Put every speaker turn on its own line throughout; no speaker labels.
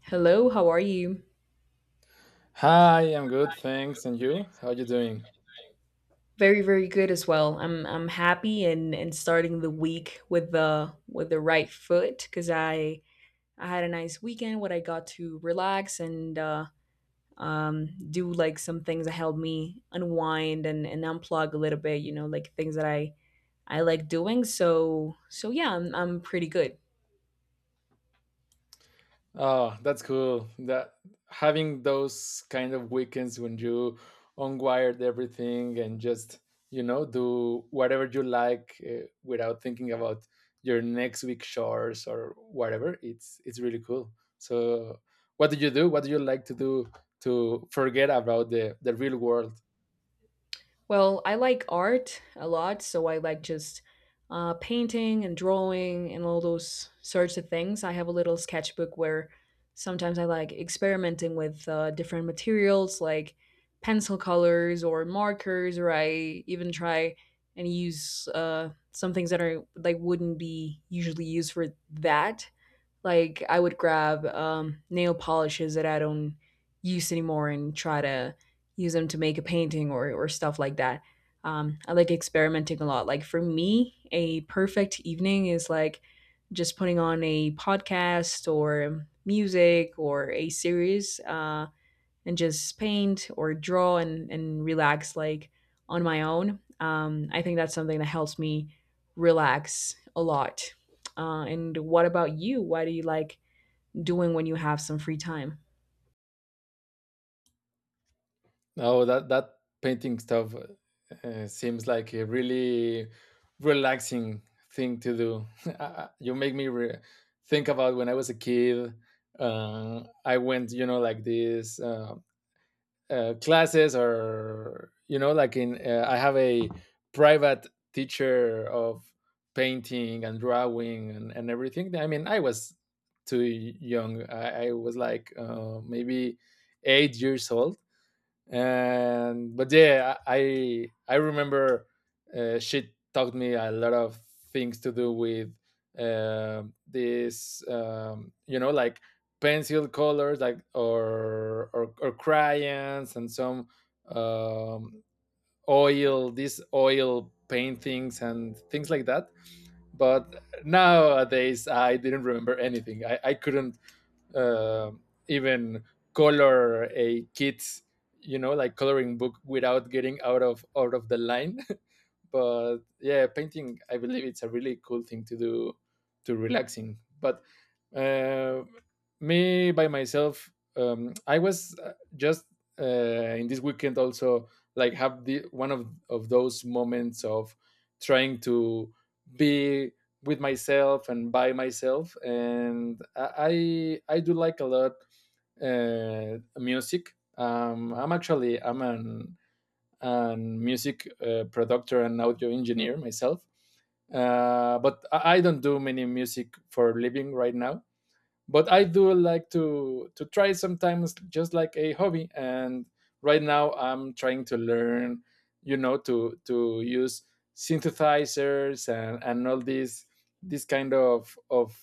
Hello, how are you?
Hi, I'm good, thanks. And you? How you doing?
Very, very good as well. I'm happy and starting the week with the right foot because I had a nice weekend where I got to relax and do like some things that help me unwind and unplug a little bit. You know, like things that I like doing. So yeah, I'm pretty good.
Oh, that's cool. That having those kind of weekends when you unwired everything and just, do whatever you like without thinking about your next week chores or whatever. It's really cool. So, what do you do? What do you like to do to forget about the real world?
Well, I like art a lot, so I like just painting and drawing and all those sorts of things. I have a little sketchbook where sometimes I like experimenting with different materials like pencil colors or markers, or I even try and use some things that are like wouldn't be usually used for that. Like I would grab nail polishes that I don't use anymore and try to use them to make a painting or stuff like that. I like experimenting a lot. Like for me, a perfect evening is like just putting on a podcast or music or a series. And just paint or draw and relax like on my own. I think that's something that helps me relax a lot. And what about you? What do you like doing when you have some free time?
Oh, that painting stuff seems like a really relaxing thing to do. You make me think about when I was a kid. I went, you know, like these classes, or you know, like in I have a private teacher of painting and drawing and everything. I mean, I was too young. I was like maybe 8 years old. And but yeah, I remember, she taught me a lot of things to do with this you know, like pencil colors, like or crayons, and some um, oil these oil paintings and things like that. But nowadays I didn't remember anything. I couldn't uh, even color a kid's, you know, like coloring book without getting out of the line. But yeah, painting, I believe it's a really cool thing to do to relaxing. But uh, me by myself, I was just uh, in this weekend also, like, have the one of those moments of trying to be with myself and by myself, and I do like a lot music. I'm actually I'm an music producer and audio engineer myself. But I don't do many music for living right now, but I do like to try sometimes, just like a hobby. And right now I'm trying to learn, you know, to use synthesizers and all these this kind of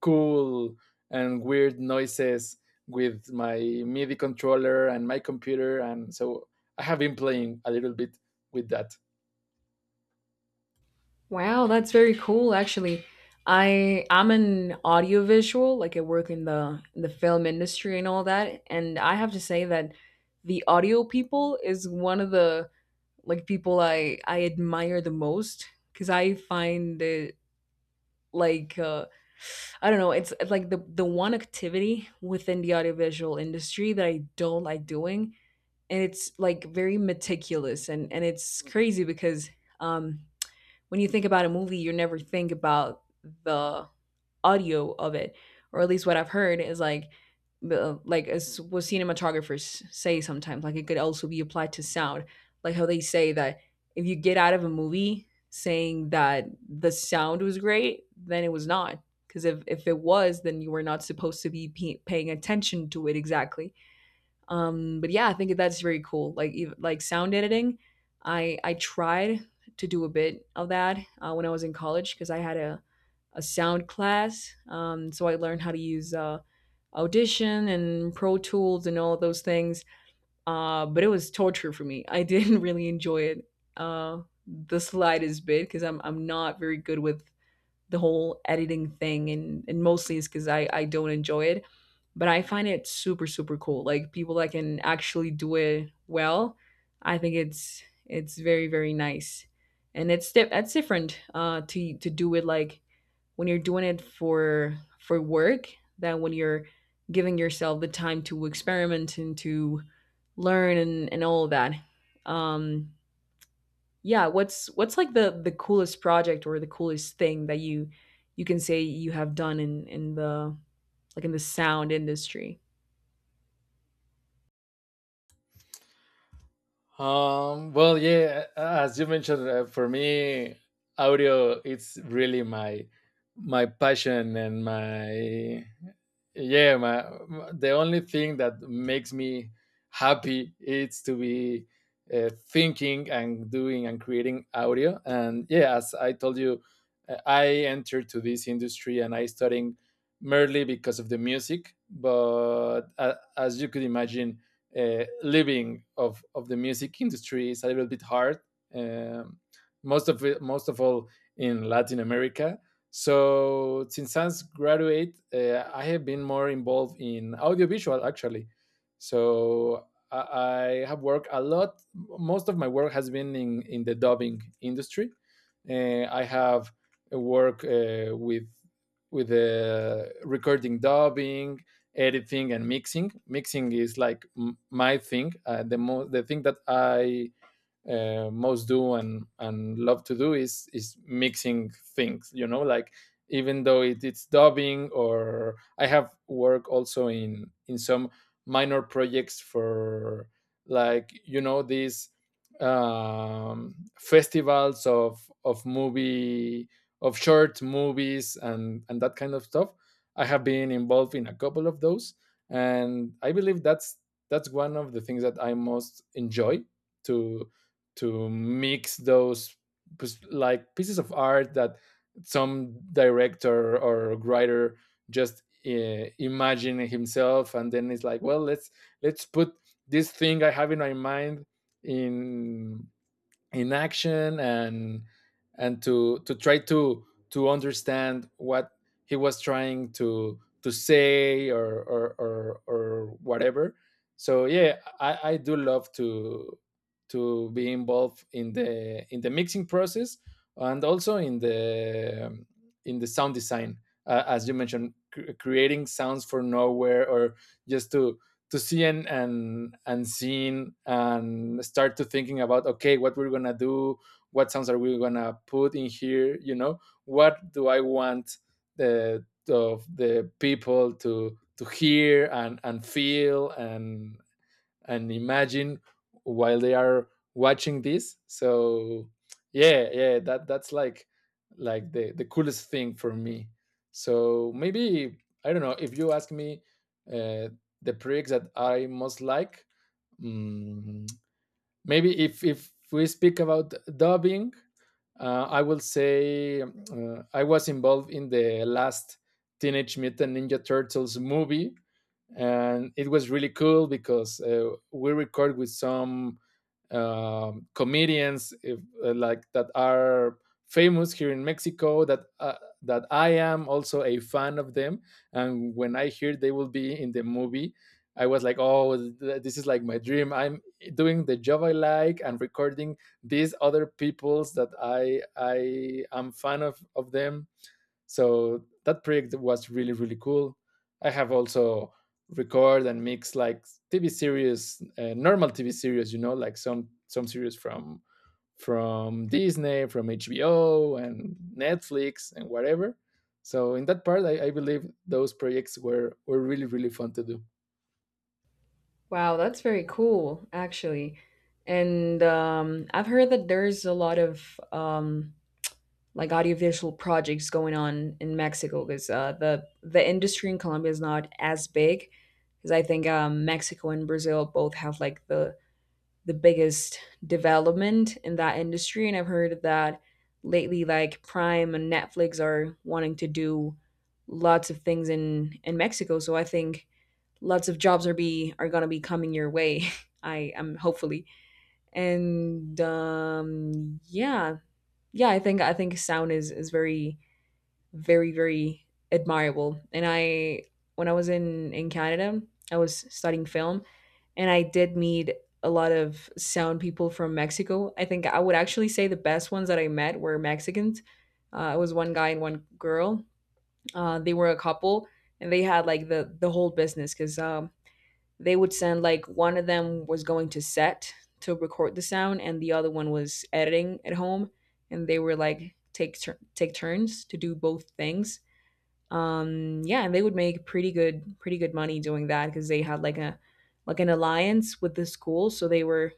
cool and weird noises with my MIDI controller and my computer. And so I have been playing a little bit with that.
Wow, that's very cool actually. I'm an audiovisual, like I work in the film industry and all that, and I have to say that the audio people is one of the like people I admire the most because I find it like I don't know. It's like the one activity within the audiovisual industry that I don't like doing, and it's like very meticulous and it's crazy because um, when you think about a movie, you never think about the audio of it, or at least what I've heard is like like as what cinematographers say sometimes, like it could also be applied to sound, like how they say that if you get out of a movie saying that the sound was great, then it was not. Because if it was, then you were not supposed to be paying attention to it exactly. But yeah, I think that's very cool. Like like sound editing, I tried to do a bit of that when I was in college because I had a sound class. So I learned how to use Audition and Pro Tools and all those things. But it was torture for me. I didn't really enjoy it the slightest bit because I'm not very good with the whole editing thing, and mostly it's because I don't enjoy it. But I find it super, super cool. Like people that can actually do it well, I think it's very, very nice, and it's different to do it like when you're doing it for work than when you're giving yourself the time to experiment and to learn and all of that. Um, yeah, what's like the coolest project or the coolest thing that you can say you have done in the like in the sound industry?
Well, yeah, as you mentioned, for me, audio, it's really my my passion and my yeah my, the only thing that makes me happy is to be thinking and doing and creating audio. And yeah, as I told you, I entered to this industry and I studying merely because of the music. But as you could imagine, living of the music industry is a little bit hard. um, Most of it, most of all in Latin America. So since I graduate, I have been more involved in audiovisual actually. So I have worked a lot. Most of my work has been in the dubbing industry. I have worked with the recording, dubbing, editing, and mixing. Mixing is like my thing. The the thing that I most do and love to do is mixing things, you know, like, even though it, it's dubbing. Or I have work also in some minor projects for, like, you know, these festivals of movie, of short movies and that kind of stuff. I have been involved in a couple of those, and I believe that's one of the things that I most enjoy, to mix those pues, like pieces of art that some director or writer just imagine himself. And then it's like, well, let's put this thing I have in my mind in in action, and to try to understand what he was trying to say or whatever. So yeah, I do love to be involved in the mixing process, and also in the sound design. As you mentioned, creating sounds for nowhere, or just to see and seeing and start to thinking about, okay, what we're gonna do, what sounds are we gonna put in here? You know, what do I want the of the people to hear and feel and imagine while they are watching this? So yeah yeah, that that's like the coolest thing for me. So maybe, I don't know, if you ask me uh, the projects that I most like, mm, maybe if we speak about dubbing, I will say I was involved in the last Teenage Mutant Ninja Turtles movie, and it was really cool because we record with some comedians if, like that are famous here in Mexico that that I am also a fan of them. And when I hear they will be in the movie, I was like, oh, this is like my dream. I'm doing the job I like and recording these other peoples that I am fan of them. So that project was really really cool. I have also record and mix, like, TV series, normal TV series, you know, like some series from Disney, from HBO, and Netflix and whatever. So in that part, I believe those projects were really really fun to do.
Wow, that's very cool, actually. And I've heard that there's a lot of like audiovisual projects going on in Mexico because the industry in Colombia is not as big. Because I think Mexico and Brazil both have like the biggest development in that industry, and I've heard that lately, like Prime and Netflix are wanting to do lots of things in Mexico. So I think lots of jobs are gonna be coming your way. I am hopefully, and yeah, yeah. I think sound is very very very admirable. And I when I was in Canada, I was studying film, and I did meet a lot of sound people from Mexico. I think I would actually say the best ones that I met were Mexicans. It was one guy and one girl. They were a couple, and they had like the whole business because they would send like one of them was going to set to record the sound and the other one was editing at home and they were like take turns to do both things, yeah, and they would make pretty good pretty good money doing that because they had like a like an alliance with the school, so they were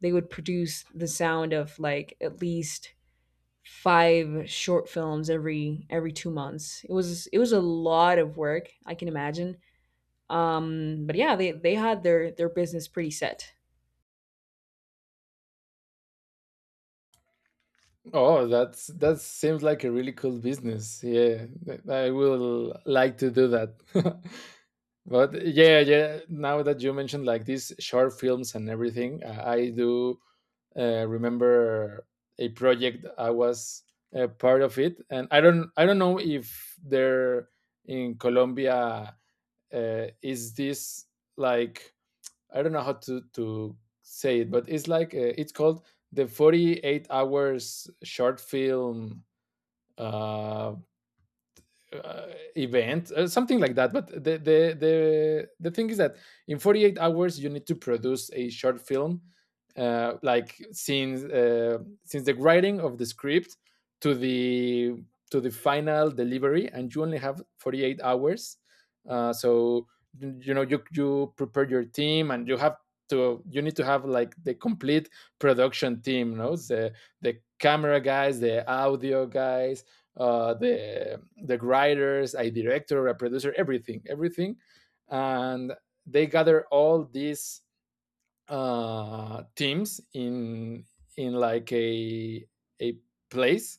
they would produce the sound of like at least five short films every 2 months. It was it was a lot of work, I can imagine. But yeah, they had their business pretty set.
Oh, that's that seems like a really cool business. Yeah, I will like to do that. But yeah, yeah. Now that you mentioned like these short films and everything, I do remember a project I was a part of it. And I don't know if there in Colombia is this, like, I don't know how to say it, but it's like it's called the 48 hours short film uh, uh, event, something like that. But the the thing is that in 48 hours you need to produce a short film, like, since the writing of the script to the to the final delivery, and you only have 48 hours. So you know you you prepare your team, and you have to you need to have, like, the complete production team, no? The camera guys, the audio guys, the writers, a director, a producer, everything, everything. And they gather all these teams in, like, a place.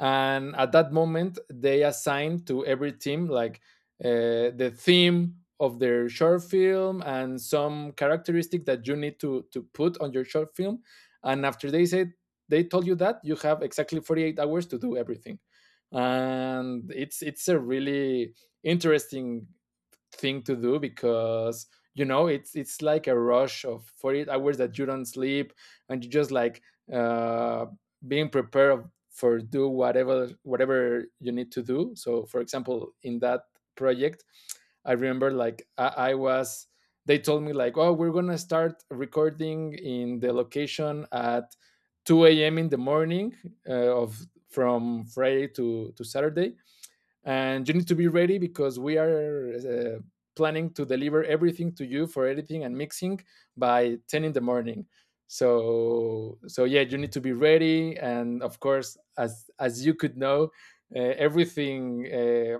And at that moment they assign to every team like the theme of their short film and some characteristic that you need to put on your short film. And after they said, they told you that you have exactly 48 hours to do everything. And it's a really interesting thing to do, because you know it's like a rush of 48 hours that you don't sleep, and you just like uh, being prepared for do whatever whatever you need to do. So, for example, in that project, I remember, like, I was, they told me, like, oh, we're gonna start recording in the location at 2 a.m in the morning, uh, of from Friday to Saturday. And you need to be ready because we are uh, planning to deliver everything to you for editing and mixing by 10 in the morning. So so yeah, you need to be ready. And of course, as you could know, everything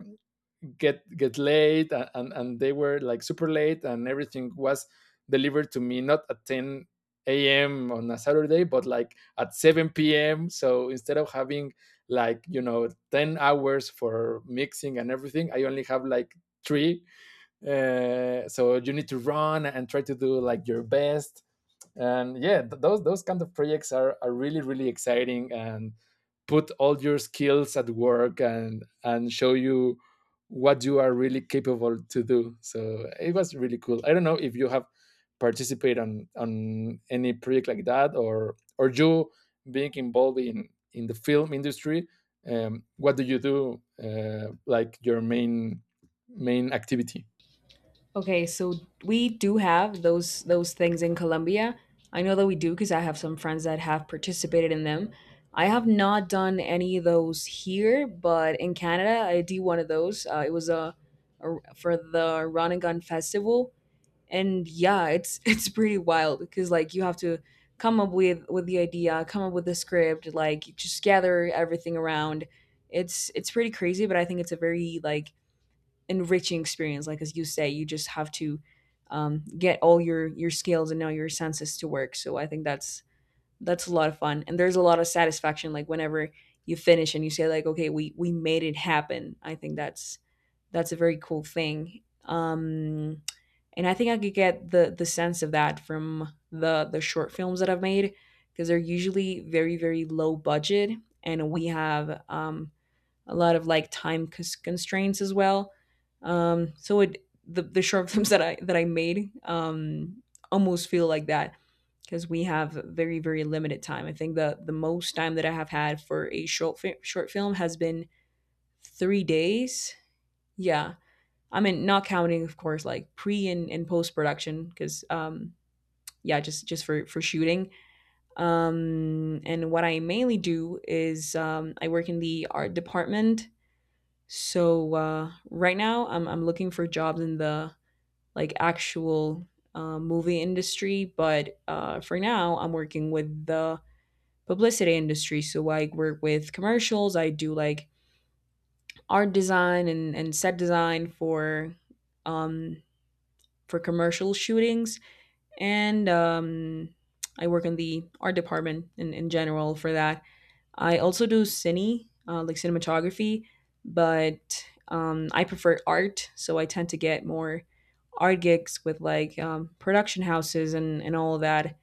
get late, and they were like super late, and everything was delivered to me not at 10 a.m. on a Saturday, but like at 7 p.m. So instead of having, like, you know, 10 hours for mixing and everything, I only have, like, three. So you need to run and try to do, like, your best. And yeah, those kind of projects are really really exciting, and put all your skills at work and show you what you are really capable to do. So it was really cool. I don't know if you have participated on any project like that, or you being involved in the film industry. What do you do, like, your main activity?
Okay, so we do have those things in Colombia. I know that we do because I have some friends that have participated in them. I have not done any of those here, but in Canada I did one of those. It was a- For the Run and Gun Festival. And yeah, it's it's pretty wild because like you have to come up with the idea, come up with the script, like you just gather everything around. It's pretty crazy, but I think it's a very like enriching experience. Like as you say, you just have to get all your skills and all your senses to work. So I think that's a lot of fun, and there's a lot of satisfaction, like whenever you finish and you say like okay, we made it happen. I think that's a very cool thing. And I think I could get the sense of that from the short films that I've made, because they're usually very, very low budget, and we have a lot of like constraints as well. So it the short films that I made, almost feel like that because we have very, very limited time. I think the most time that I have had for a short film has been 3 days. Yeah, I mean, not counting, of course, like pre and post production, because yeah, just for shooting. And what I mainly do is I work in the art department. So right now, I'm looking for jobs in the like actual movie industry, but for now, I'm working with the publicity industry. So I work with commercials. I do like art design and set design um for commercial shootings and I work in the art department in general for that. I also do like cinematography, but I prefer art, so I tend to get more art gigs with like production houses and all of that.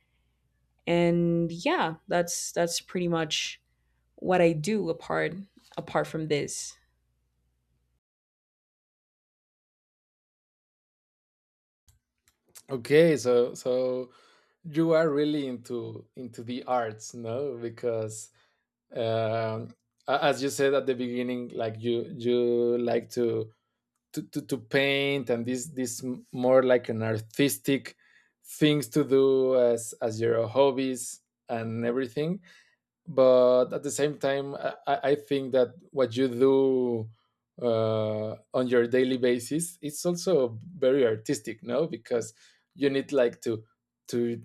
And yeah, that's pretty much what I do apart apart from this.
Okay, so so you are really into the arts, no? Because um, as you said at the beginning, like you like to to paint, and this more like an artistic things to do as your hobbies and everything. But at the same time, I think that what you do on your daily basis, it's also very artistic, no? Because you need like to to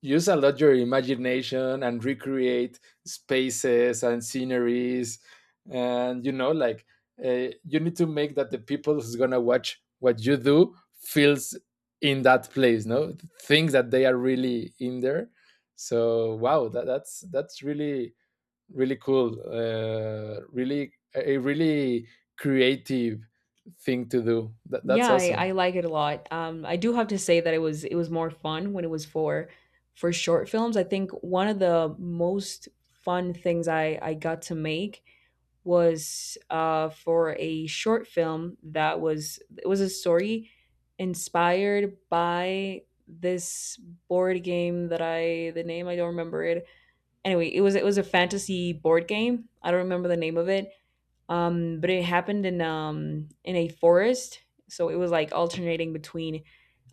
use a lot your imagination and recreate spaces and sceneries, and you need to make that the people who's gonna watch what you do feels in that place, no? Things that they are really in there. So wow, that's really really cool, really a really creative thing to do. That's
Yeah, I
awesome.
like it a lot. I do have to say that it was more fun when it was for short films. I think one of the most fun things I got to make was for a short film that was it was a story inspired by this board game that I the name I don't remember it. Anyway, it was a fantasy board game. I don't remember the name of it, but it happened in a forest, so it was like alternating between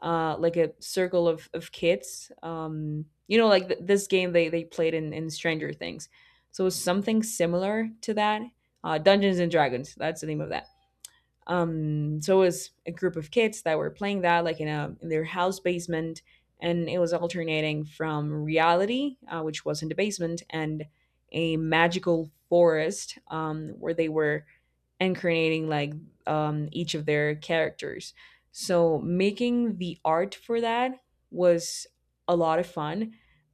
like a circle of kids. You know, like this game they played in Stranger Things, so it was something similar to that. Dungeons and Dragons, that's the name of that. So it was a group of kids that were playing that like in a in their house basement, and it was alternating from reality, which was in the basement, and a magical forest, where they were incarnating like each of their characters. So making the art for that was a lot of fun.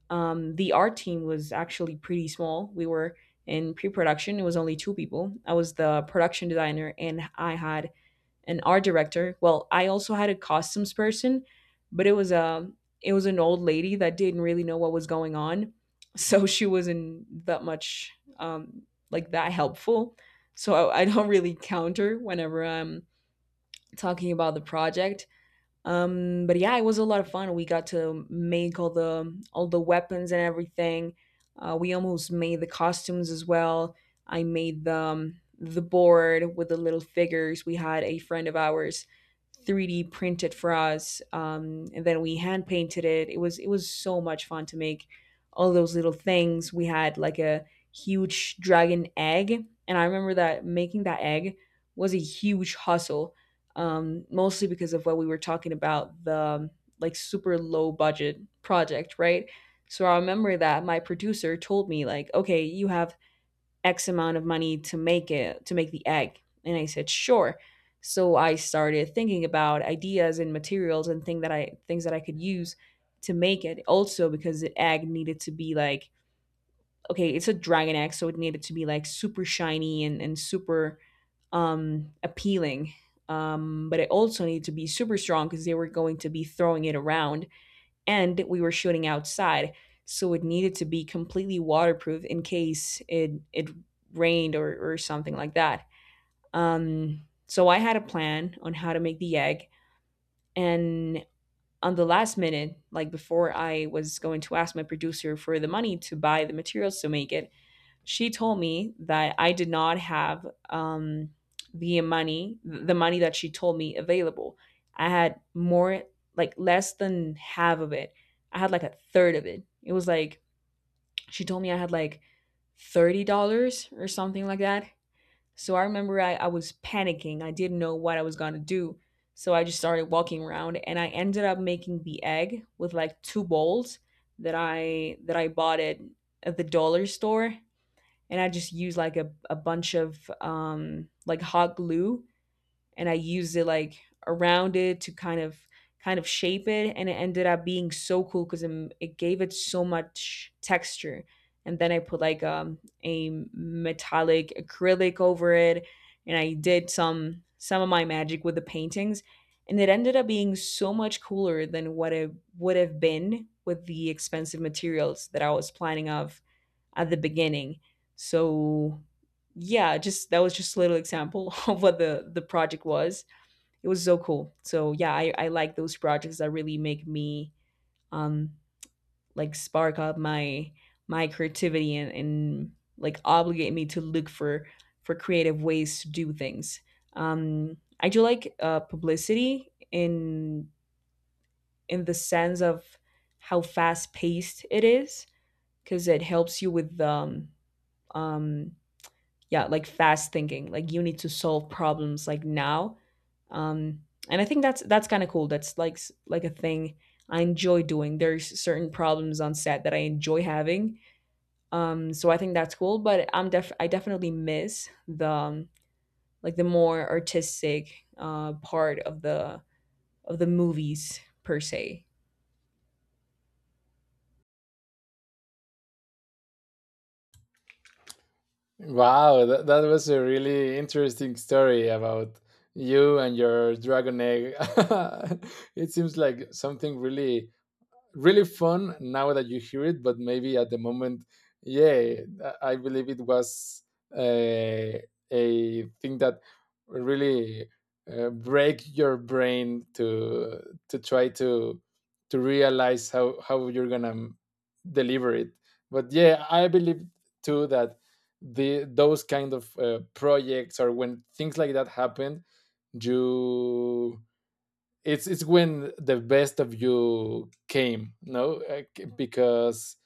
The art team was actually pretty small. We were in pre-production, it was only two people. I was the production designer, and I had an art director. Well, I also had a costumes person, but it was a it was an old lady that didn't really know what was going on. So she wasn't that much um like that helpful, so I don't really count her whenever I'm talking about the project. But yeah, it was a lot of fun. We got to make all the weapons and everything. We almost made the costumes as well. I made the board with the little figures. We had a friend of ours 3D printed for us, and then we hand painted it. It was so much fun to make all those little things. We had like a huge dragon egg, and I remember that making that egg was a huge hustle mostly because of what we were talking about the like super low budget project, right? So I remember that my producer told me like, okay, you have X amount of money to make it to make the egg, and I said sure. So I started thinking about ideas and materials and things that I could use to make it. Also because the egg needed to be like okay, it's a dragon egg, so it needed to be like super shiny and super appealing. But it also needed to be super strong because they were going to be throwing it around and we were shooting outside. So it needed to be completely waterproof in case it rained or something like that. Um, so I had a plan on how to make the egg. And on the last minute, like before I was going to ask my producer for the money to buy the materials to make it, she told me that I did not have the money that she told me available. I had more, like less than half of it. I had like a third of it. It was like, she told me I had like $30 or something like that. So I remember I was panicking. I didn't know what I was going to do. So I just started walking around and I ended up making the egg with like two bowls that I bought it at the dollar store, and I just use like a bunch of like hot glue, and I used it like around it to kind of shape it, and it ended up being so cool because it gave it so much texture. And then I put like a metallic acrylic over it, and I did some of my magic with the paintings, and it ended up being so much cooler than what it would have been with the expensive materials that I was planning of at the beginning. So yeah, just that was just a little example of what the project was. It was so cool. So yeah, I like those projects that really make me um like spark up my my creativity, and like obligate me to look for creative ways to do things. I do like publicity in the sense of how fast paced it is because it helps you with um, yeah, like fast thinking, like you need to solve problems like now. um and I think that's kind of cool. That's like like a thing I enjoy doing. There's certain problems on set that I enjoy having. So I think that's cool, but I definitely miss the like the more artistic part of the movies per se.
Wow, that was a really interesting story about you and your dragon egg. It seems like something really really fun now that you hear it, but maybe at the moment, yeah, I believe it was uh, a thing that really break your brain to try to realize how you're gonna deliver it. But yeah, I believe too that the those kind of projects, or when things like that happen, you, it's when the best of you came, no? Because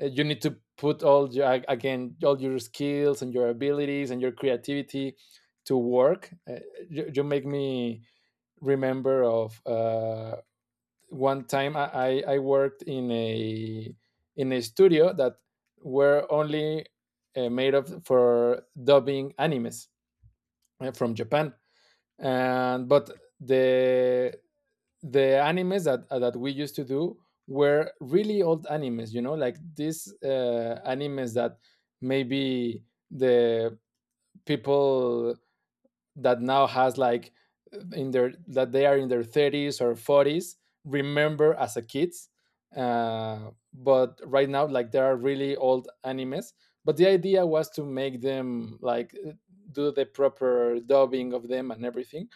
you need to put all your again all your skills and your abilities and your creativity to work. You make me remember of one time I I worked in a studio that were only made of for dubbing animes from Japan. And but the the animes that that we used to do were really old animes, you know, like these animes that maybe the people that now has like in their that they are in their 30s or 40s remember as a kids. But right now, like there are really old animes, but the idea was to make them like do the proper dubbing of them and everything.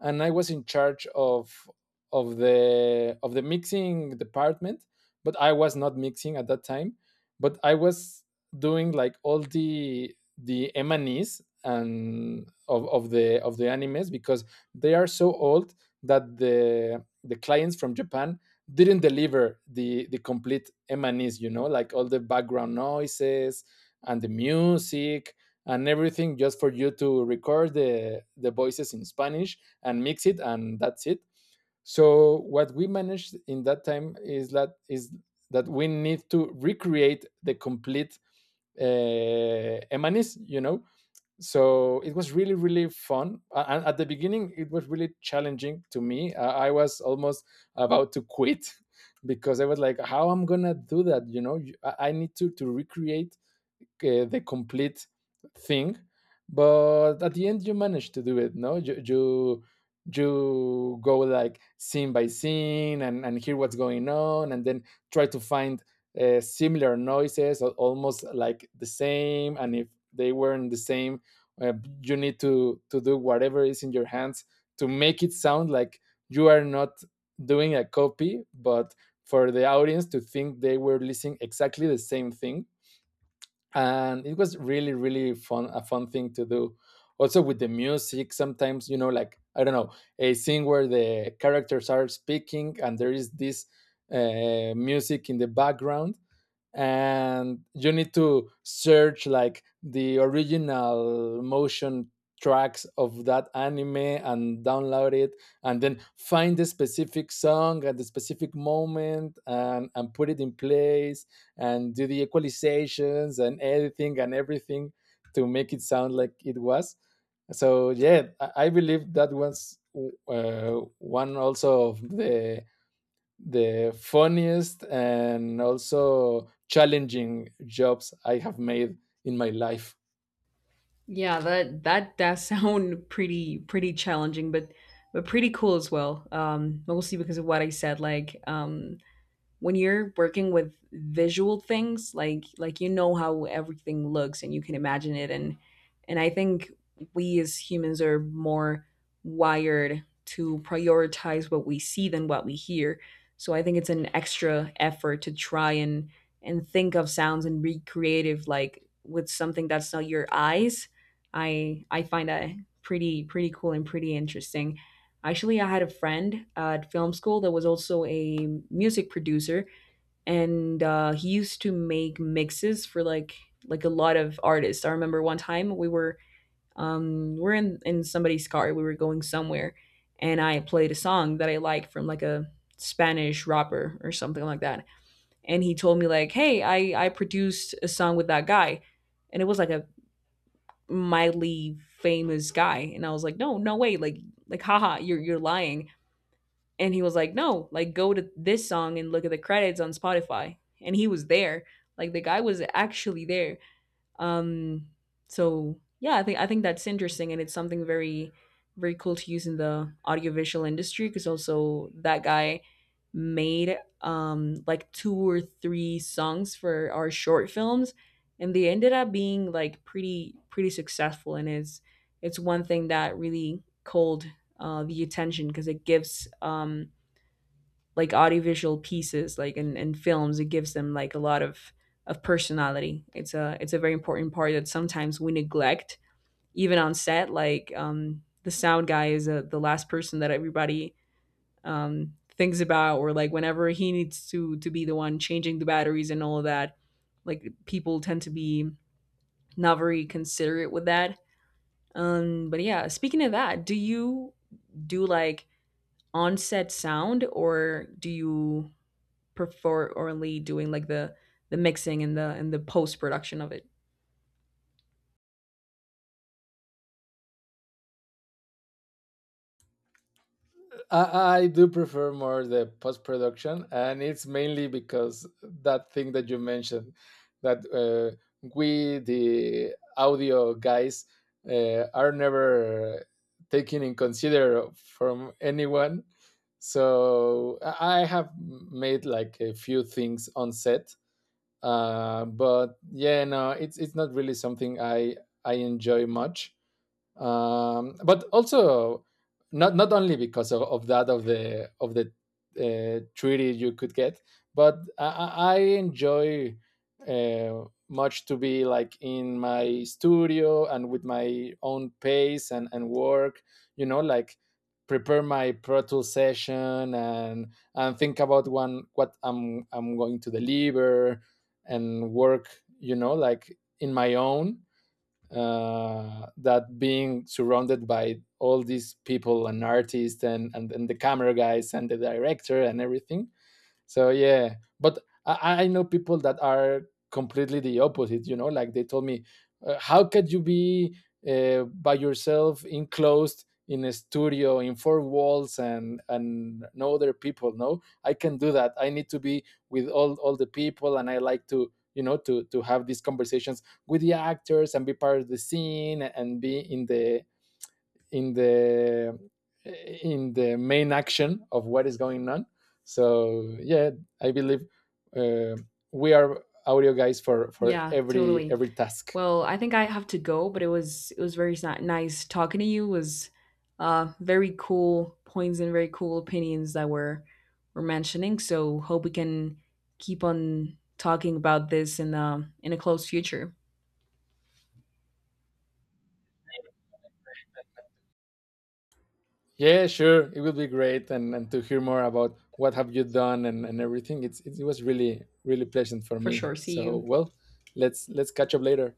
And I was in charge of of the mixing department, but I was not mixing at that time. But I was doing like all the emanis and Es and of the animes because they are so old that the clients from Japan didn't deliver the complete emanis, you know, like all the background noises and the music and everything, just for you to record the voices in Spanish and mix it and that's it. So what we managed in that time is that we need to recreate the complete emanis, you know. So it was really really fun, and at the beginning it was really challenging to me. I was almost about to quit because I was like, how I'm gonna do that, you know? I need to recreate the complete thing. But at the end you manage to do it, no? You go like scene by scene and hear what's going on, and then try to find similar noises, almost like the same. And if they weren't the same, uh, you need to do whatever is in your hands to make it sound like you are not doing a copy, but for the audience to think they were listening exactly the same thing. And it was really really fun, a fun thing to do. Also with the music sometimes, you know, like I don't know, a scene where the characters are speaking and there is this music in the background, and you need to search like the original motion tracks of that anime and download it, and then find the specific song at the specific moment, and put it in place and do the equalizations and editing and everything to make it sound like it was. So yeah, I believe that was one also of the funniest and also challenging jobs I have made in my life.
Yeah, that that does sound pretty pretty challenging, but pretty cool as well. Mostly because of what I said, like when you're working with visual things, like you know how everything looks and you can imagine it. And I think we as humans are more wired to prioritize what we see than what we hear. So I think it's an extra effort to try and think of sounds and be creative, like with something that's not your eyes. I find that pretty pretty cool and pretty interesting. Actually, I had a friend at film school that was also a music producer, and he used to make mixes for like a lot of artists. I remember one time we were we're in somebody's car. We were going somewhere, and I played a song that I like from like a Spanish rapper or something like that. And he told me like, "Hey, I produced a song with that guy," and it was like a mildly famous guy. And I was like, "No, no way! Like haha, you're lying." And he was like, no, like go to this song and look at the credits on Spotify. And he was there. Like the guy was actually there. Um, so yeah, I think that's interesting, and it's something very very cool to use in the audiovisual industry, because also that guy made like two or three songs for our short films, and they ended up being like pretty pretty successful. And it's one thing that really called the attention, because it gives like audiovisual pieces, like in films, it gives them like a lot of personality. It's a it's a very important part that sometimes we neglect, even on set. Like the sound guy is the last person that everybody thinks about, or like whenever he needs to be the one changing the batteries and all of that, like people tend to be not very considerate with that. But yeah, speaking of that, do you do like on set sound, or do you perforantly doing like the mixing and the post production of it?
I do prefer more the post production, and it's mainly because that thing that you mentioned, that we, the audio guys, are never taken in consider from anyone. So I have made like a few things on set. But yeah, no, it's not really something I enjoy much, but also not not only because of that, of the treaty you could get, but I enjoy much to be like in my studio and with my own pace and work. You know, like prepare my Pro Tools session and think about one what I'm going to deliver and work. You know, like in my own, that being surrounded by all these people and artists and the camera guys and the director and everything. So yeah, but I know people that are completely the opposite. You know, like they told me, how could you be by yourself, enclosed in a studio, in four walls, and no other people? No, I can do that. I need to be with all the people, and I like to, you know, to have these conversations with the actors and be part of the scene and be in the in the in the main action of what is going on. So yeah, I believe uh, we are audio guys for
Yeah, totally.
every task.
Well, I think I have to go, but it was very nice talking to you. It was very cool points and very cool opinions that were mentioning. So hope we can keep on talking about this in a close future.
Yeah, sure, it will be great, and to hear more about what have you done and everything. It was really really pleasant for
For
me.
sure. See
So
you.
well, let's catch up later.